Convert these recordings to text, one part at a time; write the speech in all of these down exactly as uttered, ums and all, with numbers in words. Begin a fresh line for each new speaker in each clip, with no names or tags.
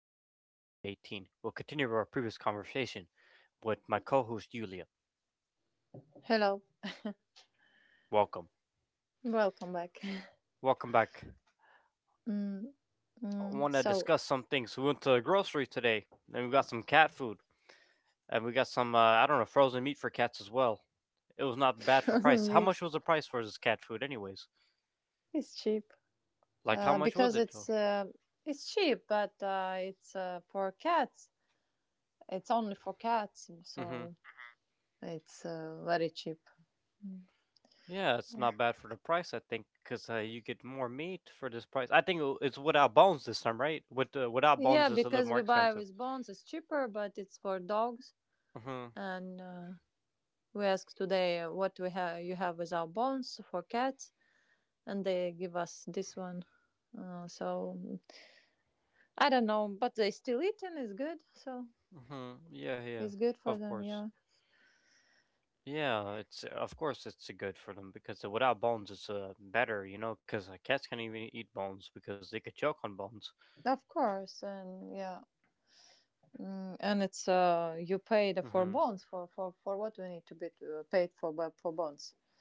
Podcast, episode eighteen. We'll continue our previous conversation with my co host, Julia.
Hello,
Welcome.
welcome back.
Welcome back.
Mm,
I want
mm,
to
so,
discuss some things. We went to the grocery today, and we got some cat food, and we got some, uh, I don't know, frozen meat for cats as well. It was not bad for price. How much
meat
was the price for this cat food, anyways?
is cheap,
Like, how
uh,
much was
because
it,
it's
though?
uh, it's cheap, but uh, it's uh, for cats. It's only for cats,
Hmm.
so it's uh, very cheap.
Yeah, it's not bad for the price, I think, because uh, you get more meat for this price. I think it- it's without bones this time, right? With uh, Without
Yeah,
bones, it's a little
because
more
we buy
expensive.
with bones, it's cheaper, but it's for dogs.
Mhm.
And uh, we asked today uh, what we have you have with our bones for cats, and they give us this one. Uh, so I don't know, but they still eating is good. So.
Mm-hmm. Yeah, yeah.
It's good
Of
for them,
course.
yeah.
Yeah, it's of course it's good for them because without bones it's uh, better, you know, because cats can't even eat bones because they could choke on bones.
Of course, and yeah, mm, and it's uh, you pay
Mm-hmm.
the for bonds for for for what we need to be uh, paid for bu- for bonds.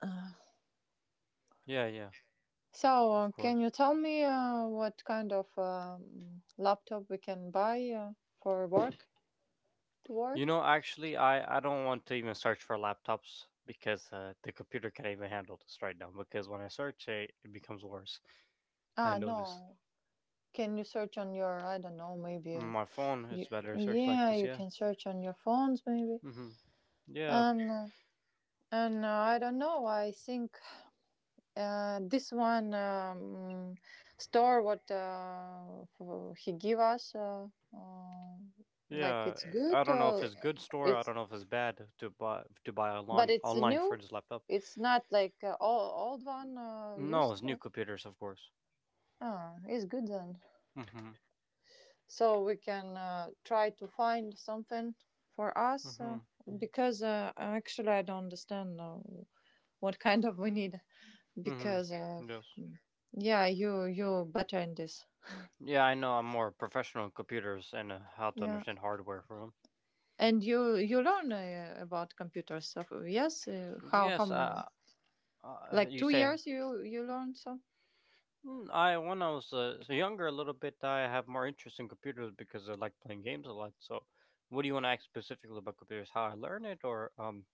Uh,
Yeah, yeah. Of
so,
course.
uh, can you tell me uh, what kind of um, laptop we can buy uh, for work
You
to
know,
work?
actually, I I don't want to even search for laptops because uh, the computer can't even handle this right now. Because when I search it, it becomes worse. I
Ah,
notice.
no. Can you search on your, I don't know, maybe
My
uh,
phone is
you,
better search like this.
yeah,
Yeah.
you can search on your phones maybe,
Mm-hmm. Yeah.
and uh, and uh, I don't know, I think. Uh, this one, um, store what uh, f- he give us, uh, uh, like
Yeah,
it's
I
good.
don't know if
Uh,
it's good store. I don't
it's
know if it's bad to buy to buy online
But it's
online for
new.
this laptop.
It's not like uh, old old one, uh,
No, it's
used.
new computers, of course.
Ah, it's good then.
Mhm.
So we can uh, try to find something for us,
Mhm.
uh, because uh, actually I don't understand uh, what kind of we need,
Mhm.
because uh,
Yes.
yeah, you you better in this,
Yeah, I know. I'm more professional in computers and uh, how to
yeah.
understand hardware from.
And you you learn uh, about computer stuff, yes? Uh,
'Em.
how how
Yes.
m-
Uh, uh,
like
you
two
say.
years you you learn some?
"Mm, I When I was uh, younger a little bit, I have more interest in computers because I like playing games a lot. So, what do you want to ask specifically about computers? How I learn it, or um?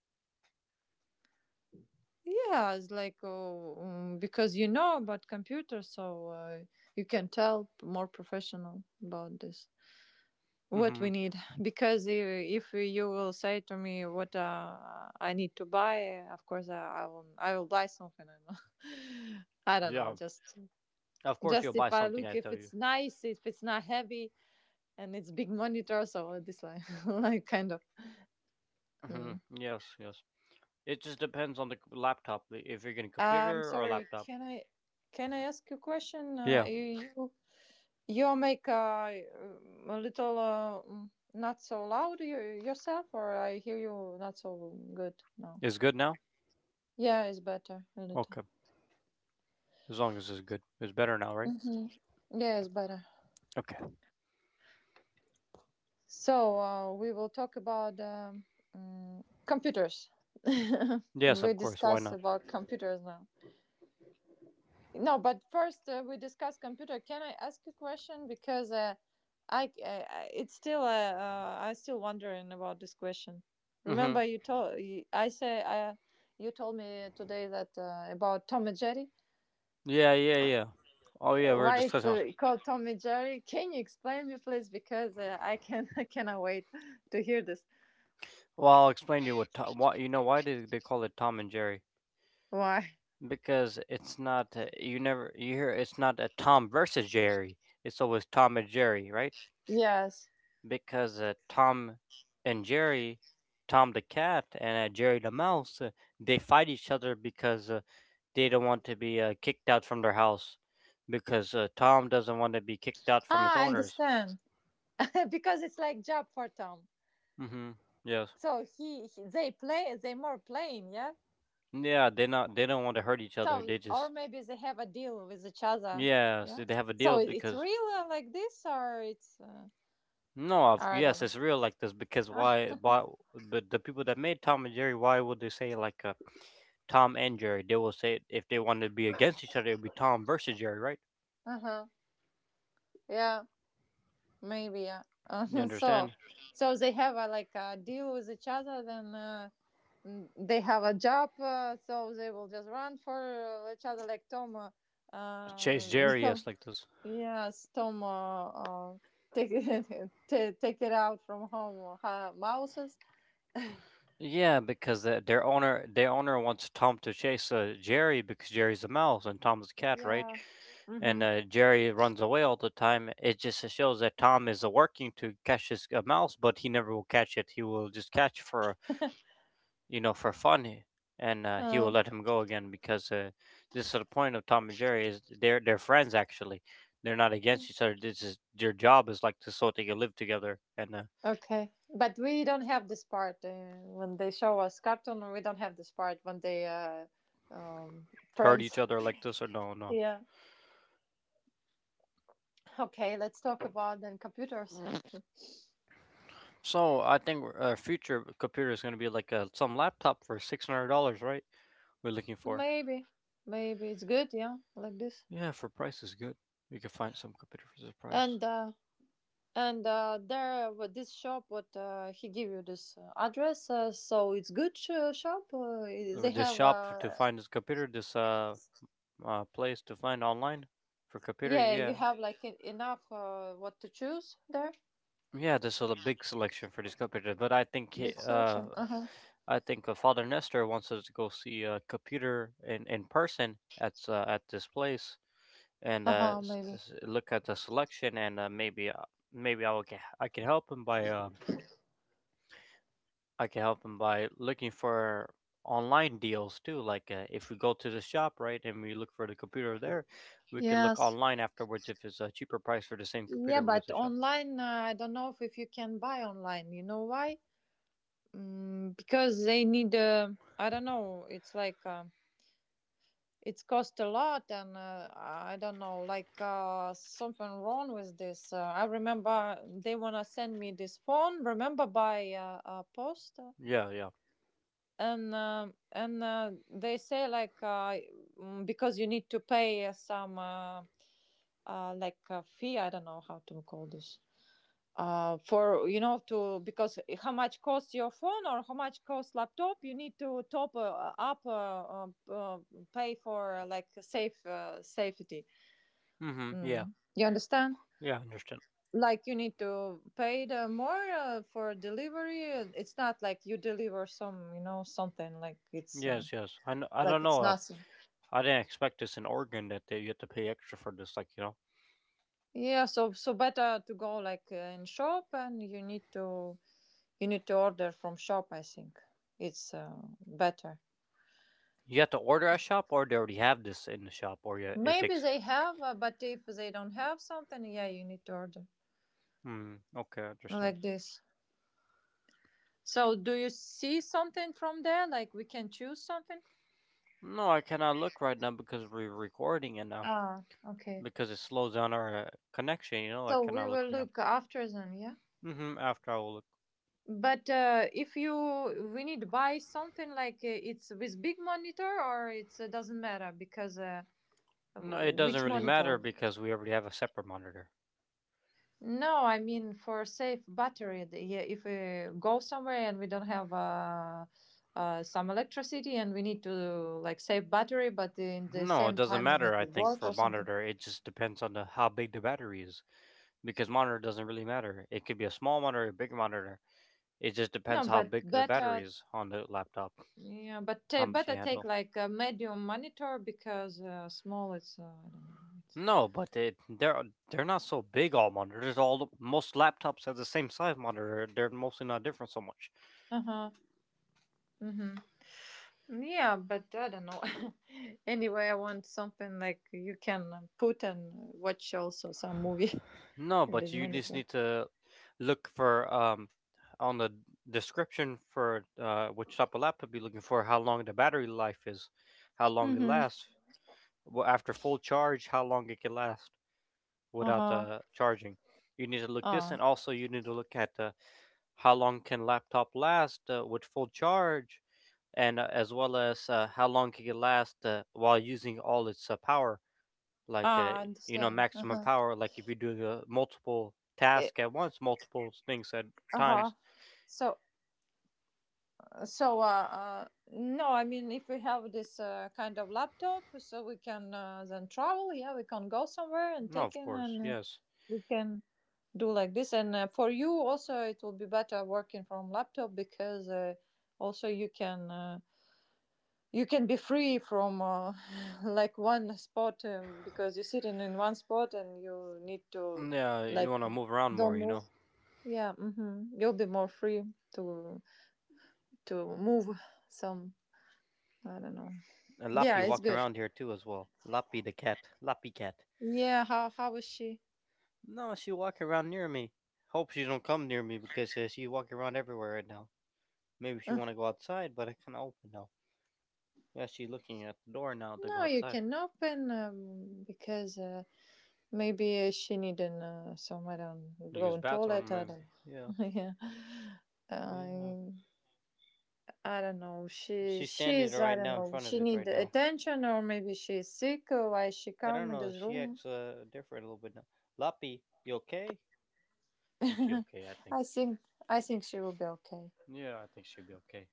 Yeah, it's like, oh, mm, because you know about computers, so uh, you can tell more professional about this what we
Mhm.
need. Because i- if you will say to me what uh, I need to buy, of course, I, I will I will buy something, I know. I don't know.
Yeah.
Just
Of course, you'll
just if
buy
I
something
look,
I
if
tell you.
it's nice, if it's not heavy, and it's big monitor, so this like like kind of.
Hmm.
Mm.
Yes, yes. It just depends on the c- laptop. the- If you're getting a
Um,
computer or a
sorry,
laptop.
can I can I ask you a question? Uh,
Yeah.
you you- you make a, a little, uh, mm, not so loud, you, yourself, or I hear you not so good now.
Is good now?
Yeah, it's better a little.
Okay. As long as it's good. It's better now, right?
Hmm. Yeah, it's better.
Okay.
So uh, we will talk about, um, mm, computers.
Yes,
We
of course. Why
discuss
not?
about computers now. No, but first uh, we discuss computer. Can I ask a question? Because uh, I, I, I- it's still, uh, uh, I still wondering about this question.
Mm-hmm.
Remember, you told, you- I say, uh, you told me today that, uh, about Tom and Jerry.
Yeah, yeah, yeah. Oh, yeah.
Uh,
We are
Why it's
discussing.
uh, called Tom and Jerry? Can you explain me, please? Because uh, I can, I cannot wait to hear this.
Well, I'll explain to you what. Tom, why you know why did they call it Tom and Jerry?
Why?
Because it's not. uh, You never. You hear it's not a Tom versus Jerry. It's always Tom and Jerry, right?
Yes.
Because uh, Tom and Jerry, Tom the cat and uh, Jerry the mouse, uh, they fight each other because uh, they don't want to be uh, kicked out from their house because uh, Tom doesn't want to be kicked out from his
Ah, I
owners.
understand. Because it's like job for Tom.
Mm-hmm. Yes.
So he, he, they play, they more playing, yeah.
Yeah, they not they don't want to hurt each other.
So,
They just
or maybe they have a deal with each other.
yeah,
Yeah.
so they have a deal
So it- it's
because
real like this, or it's, uh,
no, of
I don't
yes,
know.
it's real like this because why why but the people that made Tom and Jerry, why would they say like uh, Tom and Jerry? They will say if they wanted to be against each other, it would be Tom versus Jerry, right?
Uh huh. Yeah. Maybe. Yeah.
You
Uh, so,
understand?
so they have a like a deal with each other. Then uh, n- they have a job, uh, so they will just run for uh, each other like Tom. Uh,
Chase
uh,
Jerry,
Tom.
yes, like this.
Yes, Tom. Uh, uh, take it, t- take it out from home. Uh, mouses.
Yeah, because the, their owner their owner wants Tom to chase uh, Jerry because Jerry's a mouse and Tom's a cat, right?
Yeah.
And
Mhm.
uh, Jerry runs away all the time. It just shows that Tom is uh, working to catch his uh, mouse, but he never will catch it. He will just catch for you know for fun, eh, and uh, he
Uh,
will let him go again because uh, this is the point of Tom and Jerry is they're they're friends actually. They're not against each other. This is their job is like to so they can live together and uh,
Okay, but we don't have this part uh, when they show us cartoon. We don't have this part when they, uh, um,
hurt each
friends.
other like this or no no.
Yeah. Okay, let's talk about then computers.
So I think our future computer is going to be like uh some laptop for six hundred dollars, right? We're looking for,
maybe, maybe it's good. Yeah, like this.
yeah, for price is good. We can find some computer for this price.
And uh, and uh, there, with this shop, what uh, he give you this uh, address. Uh, so it's good uh, shop. Uh,
Or
they
this
have.
shop f- to
Uh,
find this computer, this uh, uh place to find online for computer,
yeah, you
yeah.
have like en- enough uh, what to choose there.
Yeah, there's a big selection for this computer. But i think he,
Big
uh
selection. Uh huh.
I think uh, Father Nestor wants us to go see a computer in in person at uh, at this place and
Uh
uh,
huh.
s-
Maybe.
s- look at the selection and uh, maybe uh, maybe I will can I can help him by um I can help him by looking for online deals too like, uh, if we go to the shop, right, and we look for the computer there, we could look
Yes.
online afterwards. If it's a cheaper price for the same
Yeah,
computer, we go to
but
the shop.
online, uh, I don't know if, if you can buy online. You know why? Mm, because they need, uh, I don't know, it's like, um it's cost a lot, and uh, I don't know, like uh, something wrong with this. Uh, I remember they wanna send me this phone. Remember by, uh, uh, post,
Yeah, yeah.
and um and uh, they say like, uh, mm, because you need to pay uh, some, uh, uh, like a fee. I don't know how to call this, uh, for, you know to, because how much costs your phone, or how much costs laptop, you need to top uh, up, uh, uh, uh, pay for uh, like safe uh, safety.
Mhm. Yeah.
Mm. you understand,
Yeah, understand.
like you need to pay the more uh, for delivery, it's not like you deliver some, you know something, like it's uh,
Yes, yes. I kn- I don't
like it's
know. uh,
nothing,
I didn't expect this in Oregon that they, you have to pay extra for this, like, you know
yeah. So so better to go like uh, in shop, and you need to, you need to order from shop, I think. It's uh, better.
you have to order a shop, or they already have this in the shop, or yeah, it
Maybe
takes.
they have, uh, but if they don't have something, yeah, you need to order
Hmm. Okay. Understand.
like this. So, do you see something from there? Like, we can choose something?
No, I cannot look right now because we're recording and uh,
Ah, okay.
because it slows down our uh, connection, you know, I
So
cannot
we
look
will
right now.
look after them, yeah.
Mm-hmm, after I will look.
But uh, if you we need to buy something, like uh, it's with big monitor, or it uh, doesn't matter, because, uh,
No, it doesn't
which
really matter
monitor?
because we already have a separate monitor.
No, I mean for safe battery. the- Yeah, if we go somewhere and we don't have, uh, uh, some electricity and we need to, like, save battery, but in the
No, it
same
doesn't
time we need
matter, I
to
think,
work or
for
something.
monitor. It just depends on the, how big the battery is because monitor doesn't really matter. It could be a small monitor, a big monitor. It just depends
No,
how
but
big the battery
better,
is on the laptop,
yeah, but
how
ta
much you
better take
handle.
like a medium monitor, because, uh, small. It's, uh, I don't know. It's
No, but it, they're they're not so big all monitors. All most laptops have the same size monitor. They're mostly not different so much.
uh huh. Mm-hmm. Yeah, but I don't know. Anyway, I want something like you can put and watch also some movie
No,
on
but
this
you just
monitor.
need to look for, um on the description for, uh, which type of laptop you're looking for, how long the battery life is, how long it
Mm-hmm.
lasts. Well, after full charge, how long it can last without
Uh-huh.
uh, charging. You need to look this,
Uh.
and also you need to look at the. How long can laptop last uh, with full charge, and uh, as well as uh, how long can it last uh, while using all its uh, power, like, uh,
Ah, I
you know
understand.
maximum
Uh-huh.
power, like if you're doing uh, multiple
Eh.
tasks at once, multiple things at
Uh-huh.
times.
So so uh, uh no, I mean, if we have this uh, kind of laptop, so we can uh, then travel, yeah, we can go somewhere and
No,
take
of
in,
course,
and uh,
yes.
we can do like this. And uh, for you also it will be better working from laptop, because uh, also you can uh, you can be free from, uh, like one spot, uh, because you're sitting in one spot and you need to,
Mm, yeah, you
like,
want to move around more,
don't
you
move.
know.
Yeah. hmm You'll be more free to to move some. I don't know.
And
Yeah,
Lappy
it's
walking
good.
around here too as well. Lappy the cat, Lappy cat.
Yeah, how how is she?
No, she walking around near me. Hope she don't come near me because uh, she walking around everywhere right now. Maybe she
Uh.
want to go outside, but I kind of open now. Yeah, she's looking at the door now to go
No, you
outside.
can open, um, because uh, maybe uh, she need uh, somewhere on go
Use
on
bathroom
toilet. I
maybe.
don't
Yeah,
know. Yeah, I
yeah.
I don't know. She
She's standing
she's I
right
don't
now in
know.
front of
She
it
need
right now.
attention, or maybe she's sick. Or why she
I don't
come in
know.
this
She
room?
acts uh, different a little bit now. Lappy, you okay? Is she okay? I think.
I think I think she will be okay.
Yeah, I think she'll be okay.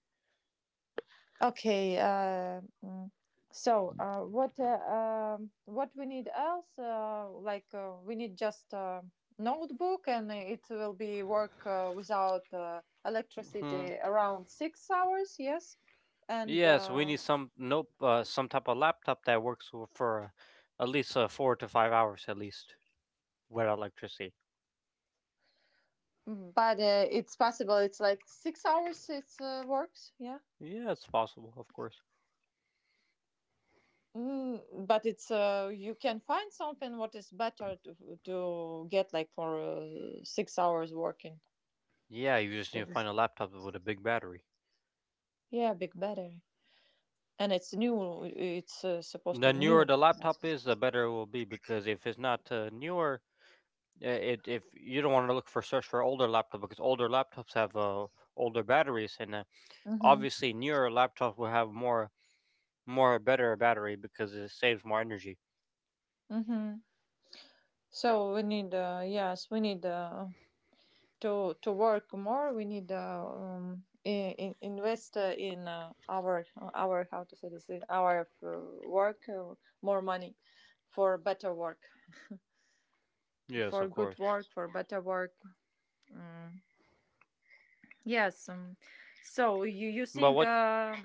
Okay. Uh, mm, so, uh, what uh, um, what we need else? Uh, like uh, we need just a notebook, and it will be work uh, without uh,
Mm-hmm.
electricity around six hours. Yes, and,
Yes, we
uh,
need some nope uh, some type of laptop that works w- for, uh, at least, uh, four to five hours at least without electricity.
mm, but uh, it's possible. It's like six hours. It uh, works. Yeah.
Yeah, it's possible, of course.
Mm, but it's uh, you can find something what is better to to get like for uh, six hours working.
Yeah, you just need
To
to
this.
find a laptop with a big battery.
Yeah, big battery. And it's new. It's uh, supposed to
The
be
newer
new.
the laptop is, the better it will be because if it's not uh, newer, uh, it if you don't want to look for search for older laptop because older laptops have uh, older batteries and uh,
Mhm.
obviously newer laptops will have more more better battery because it saves more energy.
Mhm. So we need, uh, yes, we need uh, to to work more. We need, uh, um, in, in, invest uh, in uh, our our how to say this in our uh, work, uh, more money for better work,
Yes,
for
of
good
course.
work, for better work. Mm. Yes. Um, so you you
But
think?
what
Uh,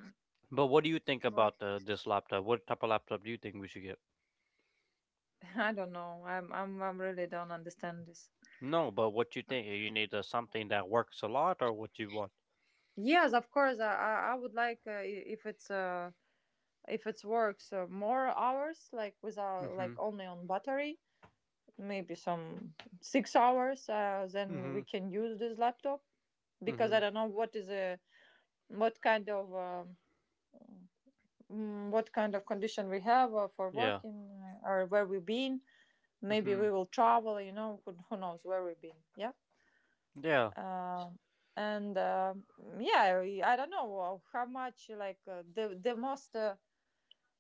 but what do you think
what-
about uh, this laptop? What type of laptop do you think we should get?
I don't know. I'm I'm I'm really don't understand this.
No, but what you think? You need uh, something that works a lot, or what you want?
Yes, of course. I I I would like, uh, i- if it's uh if it's works uh, more hours, like without,
Mm-hmm.
like only on battery, maybe some six hours. Uh, then
Mm-hmm.
we can use this laptop, because I
Mm-hmm.
don't know what is a, what kind of um, mm, what kind of condition we have uh, for
Yeah.
working, uh, or where we've been. Maybe
Mm-hmm.
we will travel. You know, who, who knows where we've been. Yeah.
Yeah.
Um and um yeah, I I don't know uh, how much like uh, the the most uh,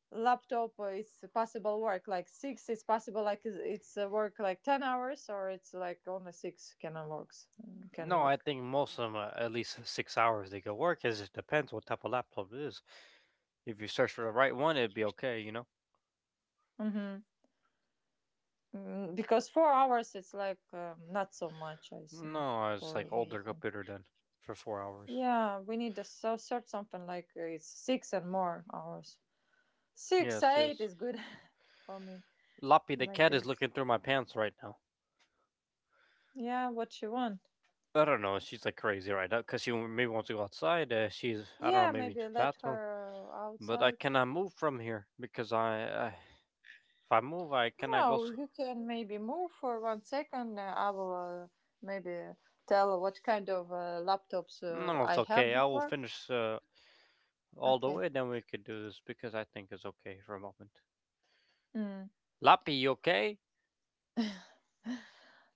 laptop uh, is possible work like six. It's possible like is- it's uh, work like ten hours, or it's like only six can uh, works uh, can
No, I
work.
think most of them are at least six hours they could work. Cause it depends what type of laptop it is. If you search for the right one, it'd be okay, you know.
hmm Mm, because four hours it's like, um, not so much. I think
No, it's
for
like older
working.
computer then for four hours.
Yeah, we need to so search something like uh, it's six and more hours. Six
Yes,
eight
yes.
is good for me
Loppy the
like
cat is
this.
looking through my pants right now.
Yeah, what you want.
I don't know. She's like crazy right now because she maybe wants to go outside. Uh, she's I don't know,
Yeah,
maybe to
maybe
the
let
bathroom,
her
but I
outside.
cannot move from here because I, I if I move I cannot go.
No,
So,
you can maybe move for one second. Uh, I will, uh, maybe tell what kind of uh, laptops uh,
no, it's
I have
okay. I will
before.
finish uh, all the
Okay.
way. Then we could do this because I think it's okay for a moment.
Mm.
Lappy, you okay?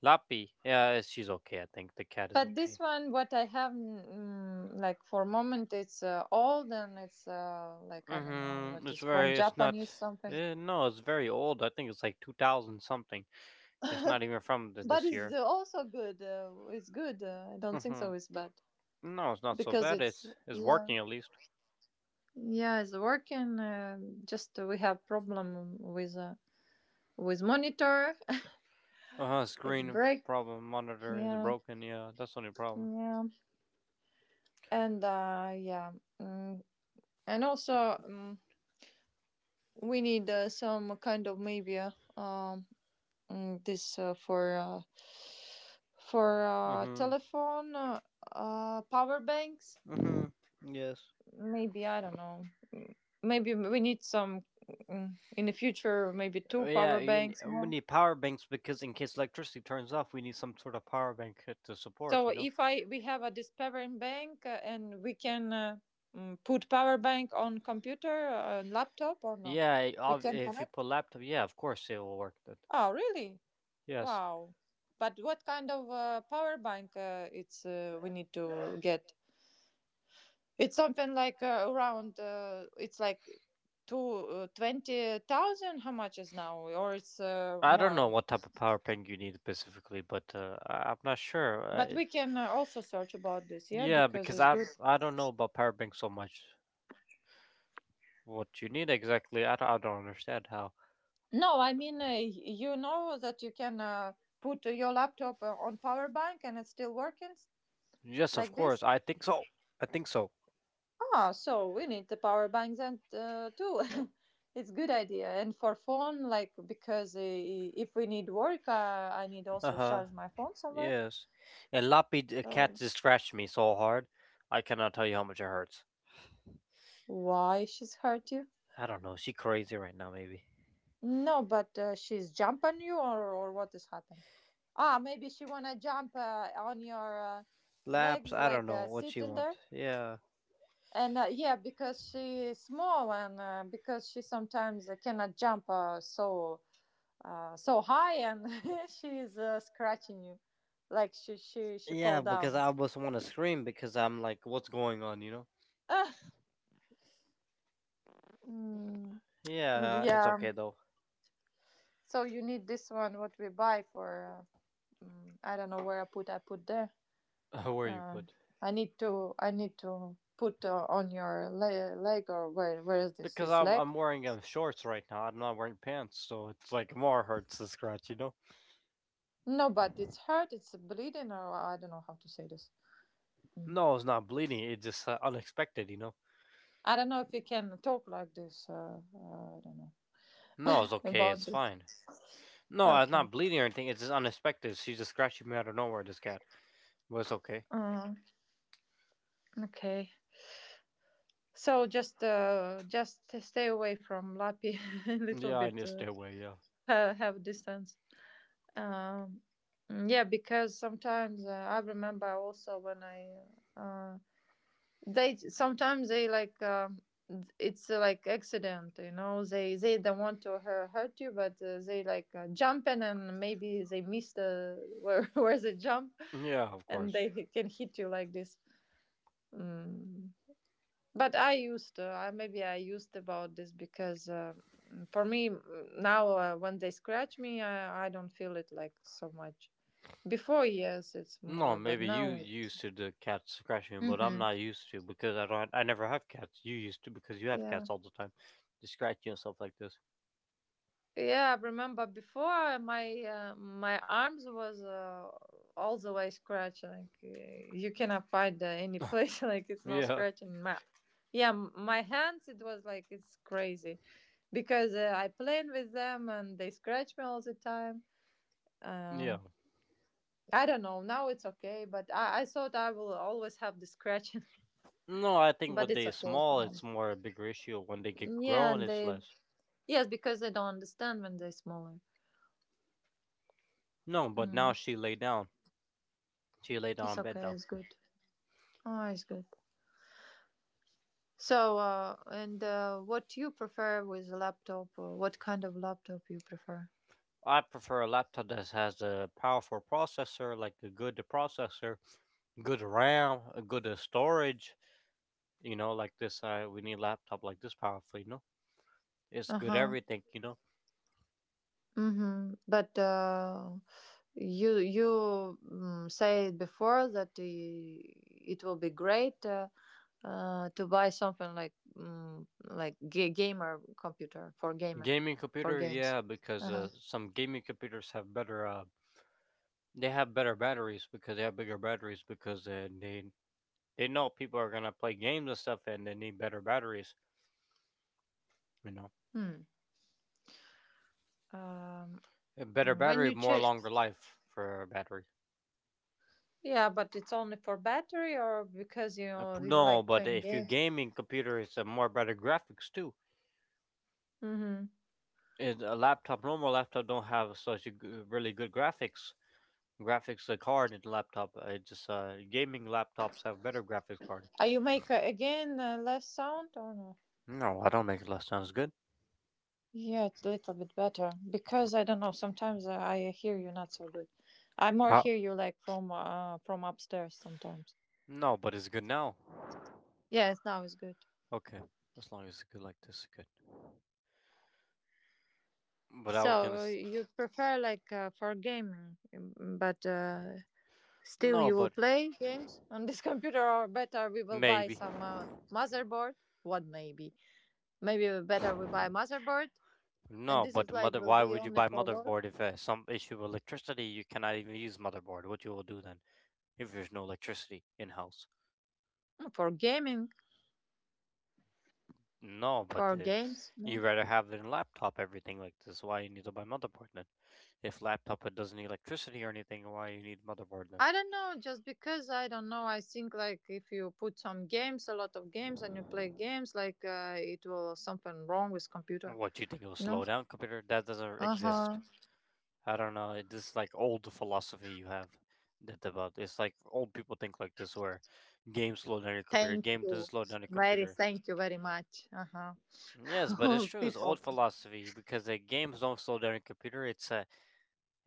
Lappy, yeah, she's okay. I think the cat is
But this
okay.
one, what I have, mm, like for moment, it's uh, old, and it's uh, like I don't know
Mm-hmm.
what,
It's
is from
very. It's not.
Japanese something.
Uh, no, it's very old. I think it's like two thousand something. It's not even from the,
But
this
it's
year.
uh, also good. Uh, it's good. Uh, I don't think so. It's
Mm-hmm.
bad
No, it's not so
because
bad.
it's,
It's it's
yeah.
working at least.
Yeah, it's working. Uh, just we have problem with uh, with monitor.
Uh huh.
It's
Screen
break.
problem. Monitor is
Yeah,
broken. Yeah, that's the only problem.
yeah, and uh, yeah, mm, and also mm we need uh, some kind of maybe uh, um mm, this uh, for uh, for uh,
Mm-hmm.
telephone, uh, uh, power banks.
Mm-hmm. Yes.
Maybe I don't know. Maybe we need some, mm, in the future. Maybe
Uh,
two
Yeah,
power
you, n-
banks
uh, we
more.
need power banks because in case electricity turns off, we need some sort of power bank uh, to support.
So
You know.
if I we have a this power bank uh, and we can uh, mm, put power bank on computer, uh, laptop or no?
Yeah, I-
We
ob-
can
if you
connect.
put laptop, yeah, of course it will work then.
Oh, really?
Yes.
Wow. But what kind of uh, power bank uh, it's uh, we need to get? It's something like uh, around uh, it's like two uh, twenty thousand how much is now or it's uh,
I don't know
more.
what type of power bank you need specifically, but uh, I- I'm not sure. I,
But we
it-
can uh, also search about this, yeah,
yeah,
because
because
it's
I
good.
I don't know about power bank so much. What you need exactly, I, don't- I don't understand how.
No, I mean, uh, you know that you can uh, put uh, your laptop uh, on power bank and it's still working, s-
Yes, of
like this.
course, I think so. I think so.
Ah, so we need the power bank then uh, too. It's good idea. And for phone, like because uh, if we need work, uh, I need
Uh
also
huh.
charge my phone somewhere.
Yes. And Lappy the cat
So
just scratched me so hard, I cannot tell you how much it hurts.
why she's hurt you?
I don't know. She crazy right now, maybe.
No, but uh, she's jump on you, or or what has happened? Ah, maybe she wanna jump uh, on your uh,
Laps,
legs
I don't
like
know
uh,
what
sit
she want.
there.
Yeah.
And uh, yeah, because she's small and uh, because she sometimes uh, cannot jump uh, so uh, so high, and she's uh, scratching you, like she she she
Yeah,
fall
because
down.
I almost want to scream because I'm like, what's going on, you know?
Ah. Mm,
Yeah, it's
yeah.
okay though.
So you need this one. What we buy for? Uh, mm, I don't know where I put. I put there.
Where you
Uh,
put?
I need to. I need to put uh, on your le- leg or where? Where is this?
Because
This
I'm
leg?
I'm wearing um, shorts right now. I'm not wearing pants, so it's like more hurts the scratch, you know?
No, but it's hurt. It's bleeding, or I don't know how to say this. Mm.
No, it's not bleeding. It's just uh, unexpected, you know?
I don't know if you can talk like this. Uh, uh, I don't know
No, it's okay.
about
It's
this.
fine. No, I'm not
Okay.
bleeding or anything. It's just unexpected. She's just scratching me out of nowhere. This cat. But it's okay.
Uh, okay. So just uh, just stay away from Lapi a little
Yeah, I need
bit.
to
Uh,
stay away. Yeah.
ha- have distance. Um, yeah, because sometimes uh, I remember also when I uh, they sometimes they like, um, it's uh, like accident, you know they they don't want to hu- hurt you, but uh, they like uh, jumping and maybe they miss the where where they jump
Yeah, of
and
course.
they can hit you like this mm. But I used to I, maybe I used about this because uh, for me, mm, now uh, when they scratch me, I, I don't feel it like so much before. Yes, it's
No,
more, but
maybe you
now it,
used to the cats scratching, but I'm
Hmm,
not used to because I don't. I never have cats. You used to because you have
yeah.
cats all the time. They scratch you and stuff like this.
Yeah, I remember before my uh, my arms was uh, all the way scratched. Like uh, you cannot find uh, any place like it's no
Yeah,
scratching. My yeah, m- my hands, it was like it's crazy because uh, I playing with them and they scratch me all the time.
yeah.
Um, I don't know now it's okay, but I I thought I will always have the scratching,
No, I think
but
when
it's
they're
okay for
small,
them.
it's more a bigger issue. When they get
Yeah,
grown, it's
they
less.
yes, because they don't understand when they're smaller.
No, but
Mm,
now she lay down. She lay down
it's
on bed
okay,
now.
it's good. Oh, it's good. So, uh, and uh, What you prefer with laptop? uh, What kind of laptop you prefer?
I prefer a laptop that has a powerful processor, like a good processor, good RAM, a good uh, storage. You know, like this. I we need a laptop like this powerful. You know, it's
Uh
good
huh.
everything. You know.
Mm-hmm. But uh, you you mm, say before that uh, it will be great uh, uh, to buy something like, mm, like ga- gamer computer for gamer
Gaming
for
computer,
games.
yeah,
Uh
because
huh.
uh, some gaming computers have better uh, they have better batteries because they have bigger batteries because uh, they they know people are gonna play games and stuff and they need better batteries, you know.
Hmm. Um.
A better
When
battery,
you
more
check,
longer life for a battery.
yeah, but it's only for battery or because you
Uh, p-
you
no,
like
but
playing
if you
games.
gaming computer, it's a more better graphics too.
Mm-hmm.
It, a laptop, normal laptop don't have such a g- uh, really good graphics. Graphics the card in the laptop, uh, it just uh, gaming laptops have better graphics card.
Are you make uh, again uh, less sound or no?
No, I don't make it less sounds good.
Yeah, it's a little bit better because I don't know. Sometimes uh, I hear you not so good. I more
How,
hear you like from uh, from upstairs sometimes.
no, but it's good now.
Yes, now it's good.
Okay, as long as it's good like this, good. But I was gonna.
So uh,
S-
you prefer like uh, for gaming, mm, but uh, still
No,
you will
but
play games on this computer, or better we will buy
maybe.
some uh, motherboard. What maybe? Maybe better we buy motherboard, and
No,
this
but
is
the
like
mother.
will
Why
be
would you
only
buy
for work,
motherboard if uh, some issue with electricity? You cannot even use motherboard. What you will do then if there's no electricity in house?
for gaming,
No, but
for
uh,
games. No.
you rather have it in laptop everything like this. Why you need to buy motherboard then? If laptop it doesn't need electricity or anything, why you need motherboard then?
I don't know, just because I don't know, I think like if you put some games, a lot of games, and you play games, like uh, it will something wrong with computer.
What do you think it will
No.
slow down computer? That doesn't
Uh
exist.
huh.
I don't know. It- This is like old philosophy you have that about. It's like old people think like this, where games slow down your computer.
Thank
Game doesn't
you.
slow down your
Very
computer.
thank you very much. Uh
Mm, Yes, but it's
huh.
true. It's old
People.
philosophy because the games don't slow down your computer. It's a,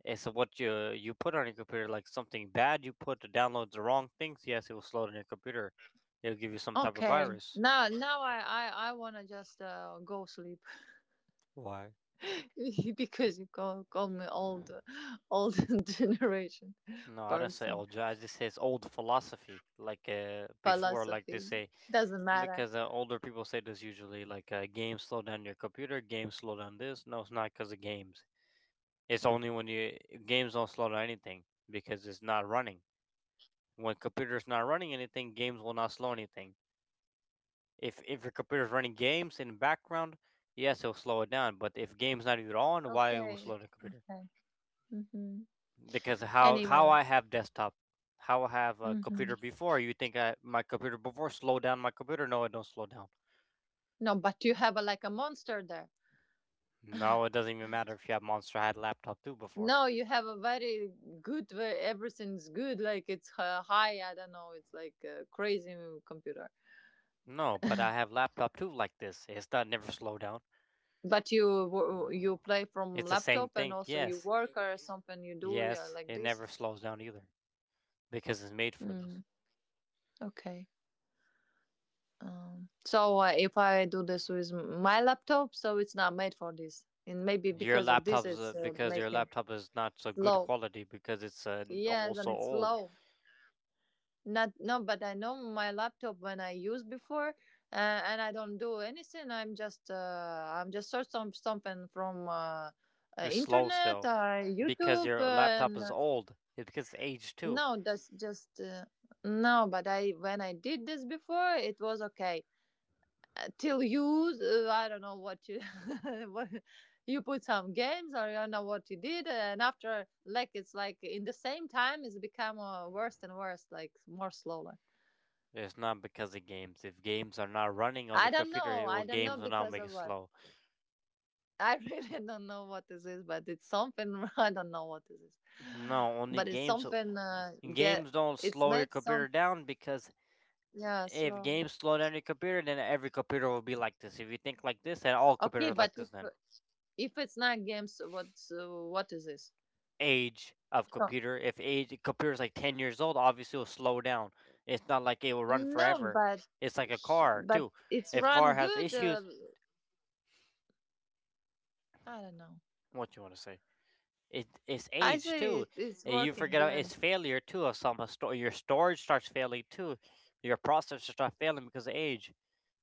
it's a what you you put on your computer, like something bad you put to download the wrong things. Yes, it will slow down your computer. It'll give you some type of
Okay.
virus.
Now now I I, I wanna just uh, go sleep
Why?
because you call call me old, old generation
No, I don't say
person
old. ju- I just say it's old philosophy. Like uh, before, like they
philosophy
say.
doesn't matter.
Because uh, older people say this usually, like uh, games slow down your computer, games slow down this. No, it's not because of games. It's only when you Games don't slow down anything because it's not running. When computer's not running anything, games will not slow anything. If if your computer's running games in the background, yes, it'll slow it down. But if games not even on, why it will
Okay.
slow the computer?
Okay. hmm
Because how how
Anyway.
I have desktop, how I have a
Mm-hmm.
computer before, you think I my computer before slow down my computer? No, it don't slow down.
No, but you have a, like a monster there.
No, it doesn't even matter if you have Monster. I had laptop two before.
No, you have a very good where everything's good. Like it's uh, high. I don't know. It's like a crazy computer.
No, but I have laptop two like this. It's not never slow down.
But you wo- you play from
It's the same
laptop and
thing.
also you
Yes,
work or something you do, yeah,
yes,
like
it
this.
never slows down either because it's made for this.
Mm, okay. Um, so uh, if I do this with my laptop, so it's not made for this, and maybe
Your
because of this,
laptop's uh,
it's uh,
because your
making
laptop is not so good
slow.
quality because it's uh, n-
Yes, and
also
it's
old.
slow. Not No, but I know my laptop when I used before, uh, and I don't do anything. I'm just uh, I'm just search some something from, uh, uh,
It's slow
internet,
still
uh,
because
YouTube,
your
uh,
laptop
and
is
uh,
old. It's because it's aged too.
no, that's just uh, no. But I when I did this before, it was okay. Uh, till you, uh, I don't know what you what you put some games, or I don't know what you did, and after like it's like in the same time, it's become uh, worse and worse, like more slower.
It's not because of games. If games are not running on your
I don't
computer,
know.
it will
I don't know
games will now
because
make it
of what.
slow.
I really don't know what this is, but it's something. I don't know what this is,
No, only
but it's
games.
something. Uh, get
Games don't
it
slow your
makes some,
computer down because
yeah,
if
slow.
games slow down your computer, then every computer will be like this. If you think like this, then all
Okay,
computers like
but
this.
if
Then
if it's not games, what uh, what is this?
age of
So-
computer. If age computer is like ten years old, obviously it will slow down. It's not like it will run
no,
forever.
but
It's like a
he-
car
but
too.
it's
If car
run
has
good. Uh,
issues,
I don't know.
what you want to say? It it's
I
age
say
too.
it, it's
Uh, You
working
forget uh, it's
good.
failure too. Of some uh, sto- your storage starts failing too. Your processor starts failing because of age.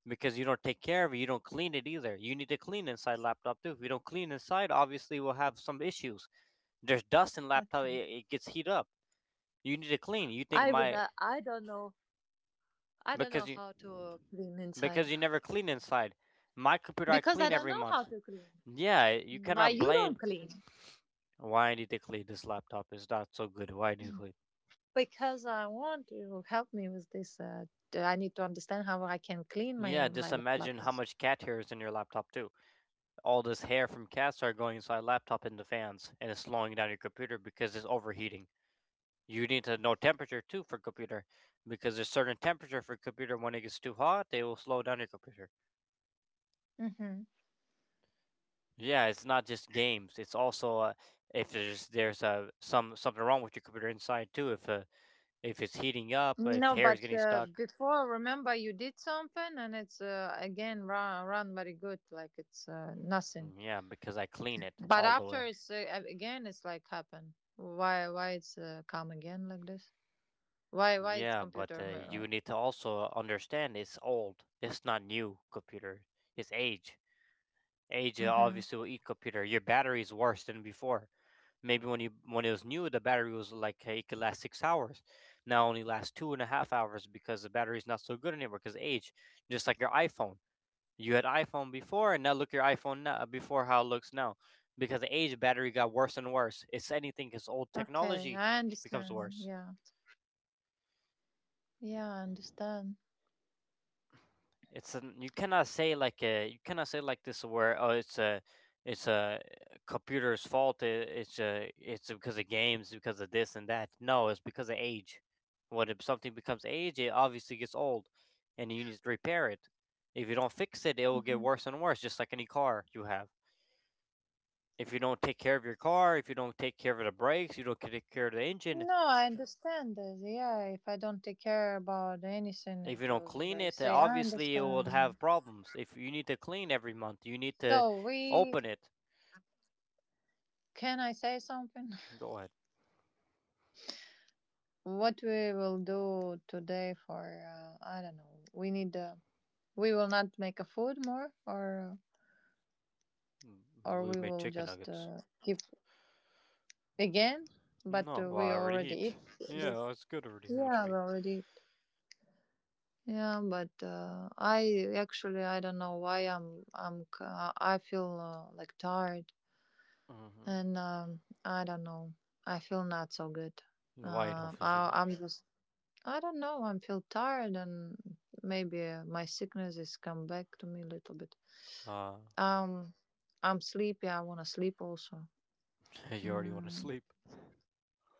Because you don't take care of it, you don't clean it either. You need to clean inside laptop too. If you don't clean inside, obviously we'll have some issues. There's dust in laptop;
Okay.
it, it gets heat up. You need to clean. You think
I would.
my
Uh, I don't know. I don't know
because you
how to clean inside
because you never clean inside. My computer I
because I
clean
don't
every
know how
month.
to clean.
Yeah, you
Why
cannot
you don't
blame
clean?
why I need to clean this laptop. It's not so good. Why do you clean?
Because I want you to help me with this. Uh, d- I need to understand how I can clean
Yeah,
my
just
my lap-
imagine
laptop.
how much cat hair is in your laptop too. All this hair from cats are going inside laptop in the fans, and it's slowing down your computer because it's overheating. You need to know temperature too for computer because there's certain temperature for computer when it gets too hot they will slow down your computer.
Hmm.
Yeah, it's not just games, it's also uh, if there's there's uh, some something wrong with your computer inside too, if uh, if it's heating up, if
No,
hair is
but
getting
uh,
stuck.
before, remember you did something, and it's uh, again run run very good, like it's uh, nothing.
Mm, yeah, because I clean it
But
all the way.
after it's uh, a- again, it's like happen. Why why it's uh, come again like this? Why why it's
Yeah, but uh,
computer?
you
Mirror?
need to also understand it's old, it's not new computer, it's age. Age uh,
Mm-hmm.
obviously will eat computer, your battery is worse than before. Maybe when you when it was new, the battery was like uh, it could last six hours. Now it only lasts two and a half hours because the battery is not so good anymore because age. Just like your iPhone, you had iPhone before, and now look your iPhone now, before how it looks now, because the age battery got worse and worse. It's anything because old
Okay,
technology
I
becomes
understand.
worse.
Yeah, yeah, I understand.
It's an you cannot say like a You cannot say like this where oh it's a it's a computer's fault. It, it's a it's because of games, because of this and that. No, it's because of age. When if something becomes age, it obviously gets old, and you need to repair it. If you don't fix it, it will get worse and worse, just like any car you have. If you don't take care of your car, if you don't take care of the brakes, you don't take care of the engine,
No, I understand this. Yeah, if I don't take care about anything,
if
it
you don't
will
clean
break.
it, uh,
Say, I
obviously it will
understand. Yeah.
have problems. If you need to clean every month, you need to
So we
open it.
Can I say something?
Go ahead.
What we will do today for, uh, I don't know. We need uh, we will not make a food more, or
Mm, mm,
or
We
we
made
will
chicken
just
nuggets.
uh, keep again. But
No,
uh,
well,
we
I already
already
eat.
eat
Yeah,
this.
it's good already. How much
Yeah,
we
we
eat?
already. Eat. Yeah, but uh, I actually I don't know why I'm I'm c- I feel uh, like tired
Mm-hmm.
and, um, I don't know. I feel not so good.
Why you don't
Um
feel so
I,
good?
I'm just I don't know. I am feel tired, and maybe uh, my sickness is come back to me a little bit.
Uh,
Um, I'm sleepy. I wanna sleep also.
you already want to
Mm,
sleep.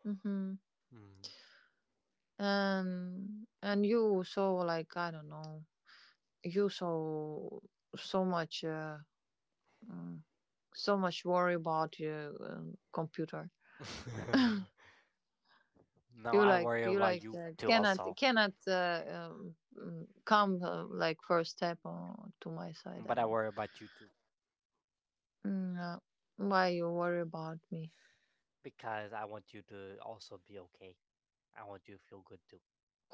mm-hmm.
Mm.
And and you so like, I don't know. You so so much uh, mm, so much worry about your uh, computer.
No,
You
I
like
worry
you
about
like
you
uh,
too
cannot
also,
cannot uh, um, mm, come uh, like first step uh, to my side. I
but I
mean,
worry about you too
Mm, uh, why you worry about me?
because I want you to also be okay. I want you to feel good too.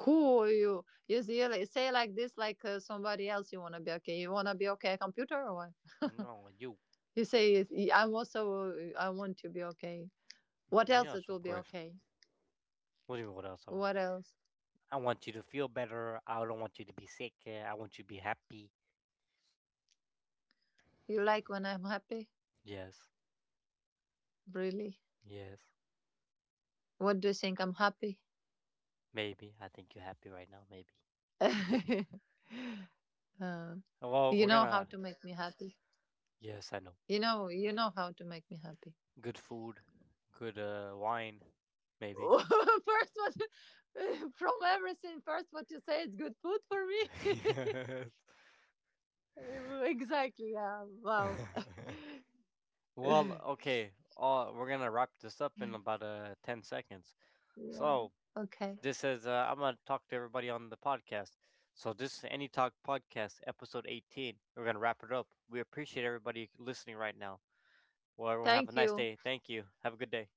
Who are you? You see, like, say like this, like uh, somebody else. You wanna be okay? You wanna be okay? Computer or what?
No, you.
You say, "Yes, y- I'm also. uh, I want to be okay." What else? It
Yes,
will
of
be
course.
okay.
What do you mean? What else? Oh,
What else?
I want you to feel better. I don't want you to be sick. uh, I want you to be happy.
You like when I'm happy?
Yes.
Really?
Yes.
What do you think? I'm happy.
Maybe. I think you're happy right now, maybe.
uh,
Well,
you
we're
know how
gonna
to make me happy.
Yes, I know.
You know, you know how to make me happy.
Good food, good uh wine, maybe.
First, what from everything, first what you say is good food for me.
Yes.
Exactly. Yeah. Wow.
Well, okay. Uh, we're gonna wrap this up in about uh ten seconds.
Yeah.
So,
Okay.
this is uh, I'm gonna talk to everybody on the podcast. So, this is Any Talk Podcast, episode eighteen. We're gonna wrap it up. We appreciate everybody listening right now. Well, everyone have a
Thank
nice
you.
day. Thank you. Have a good day.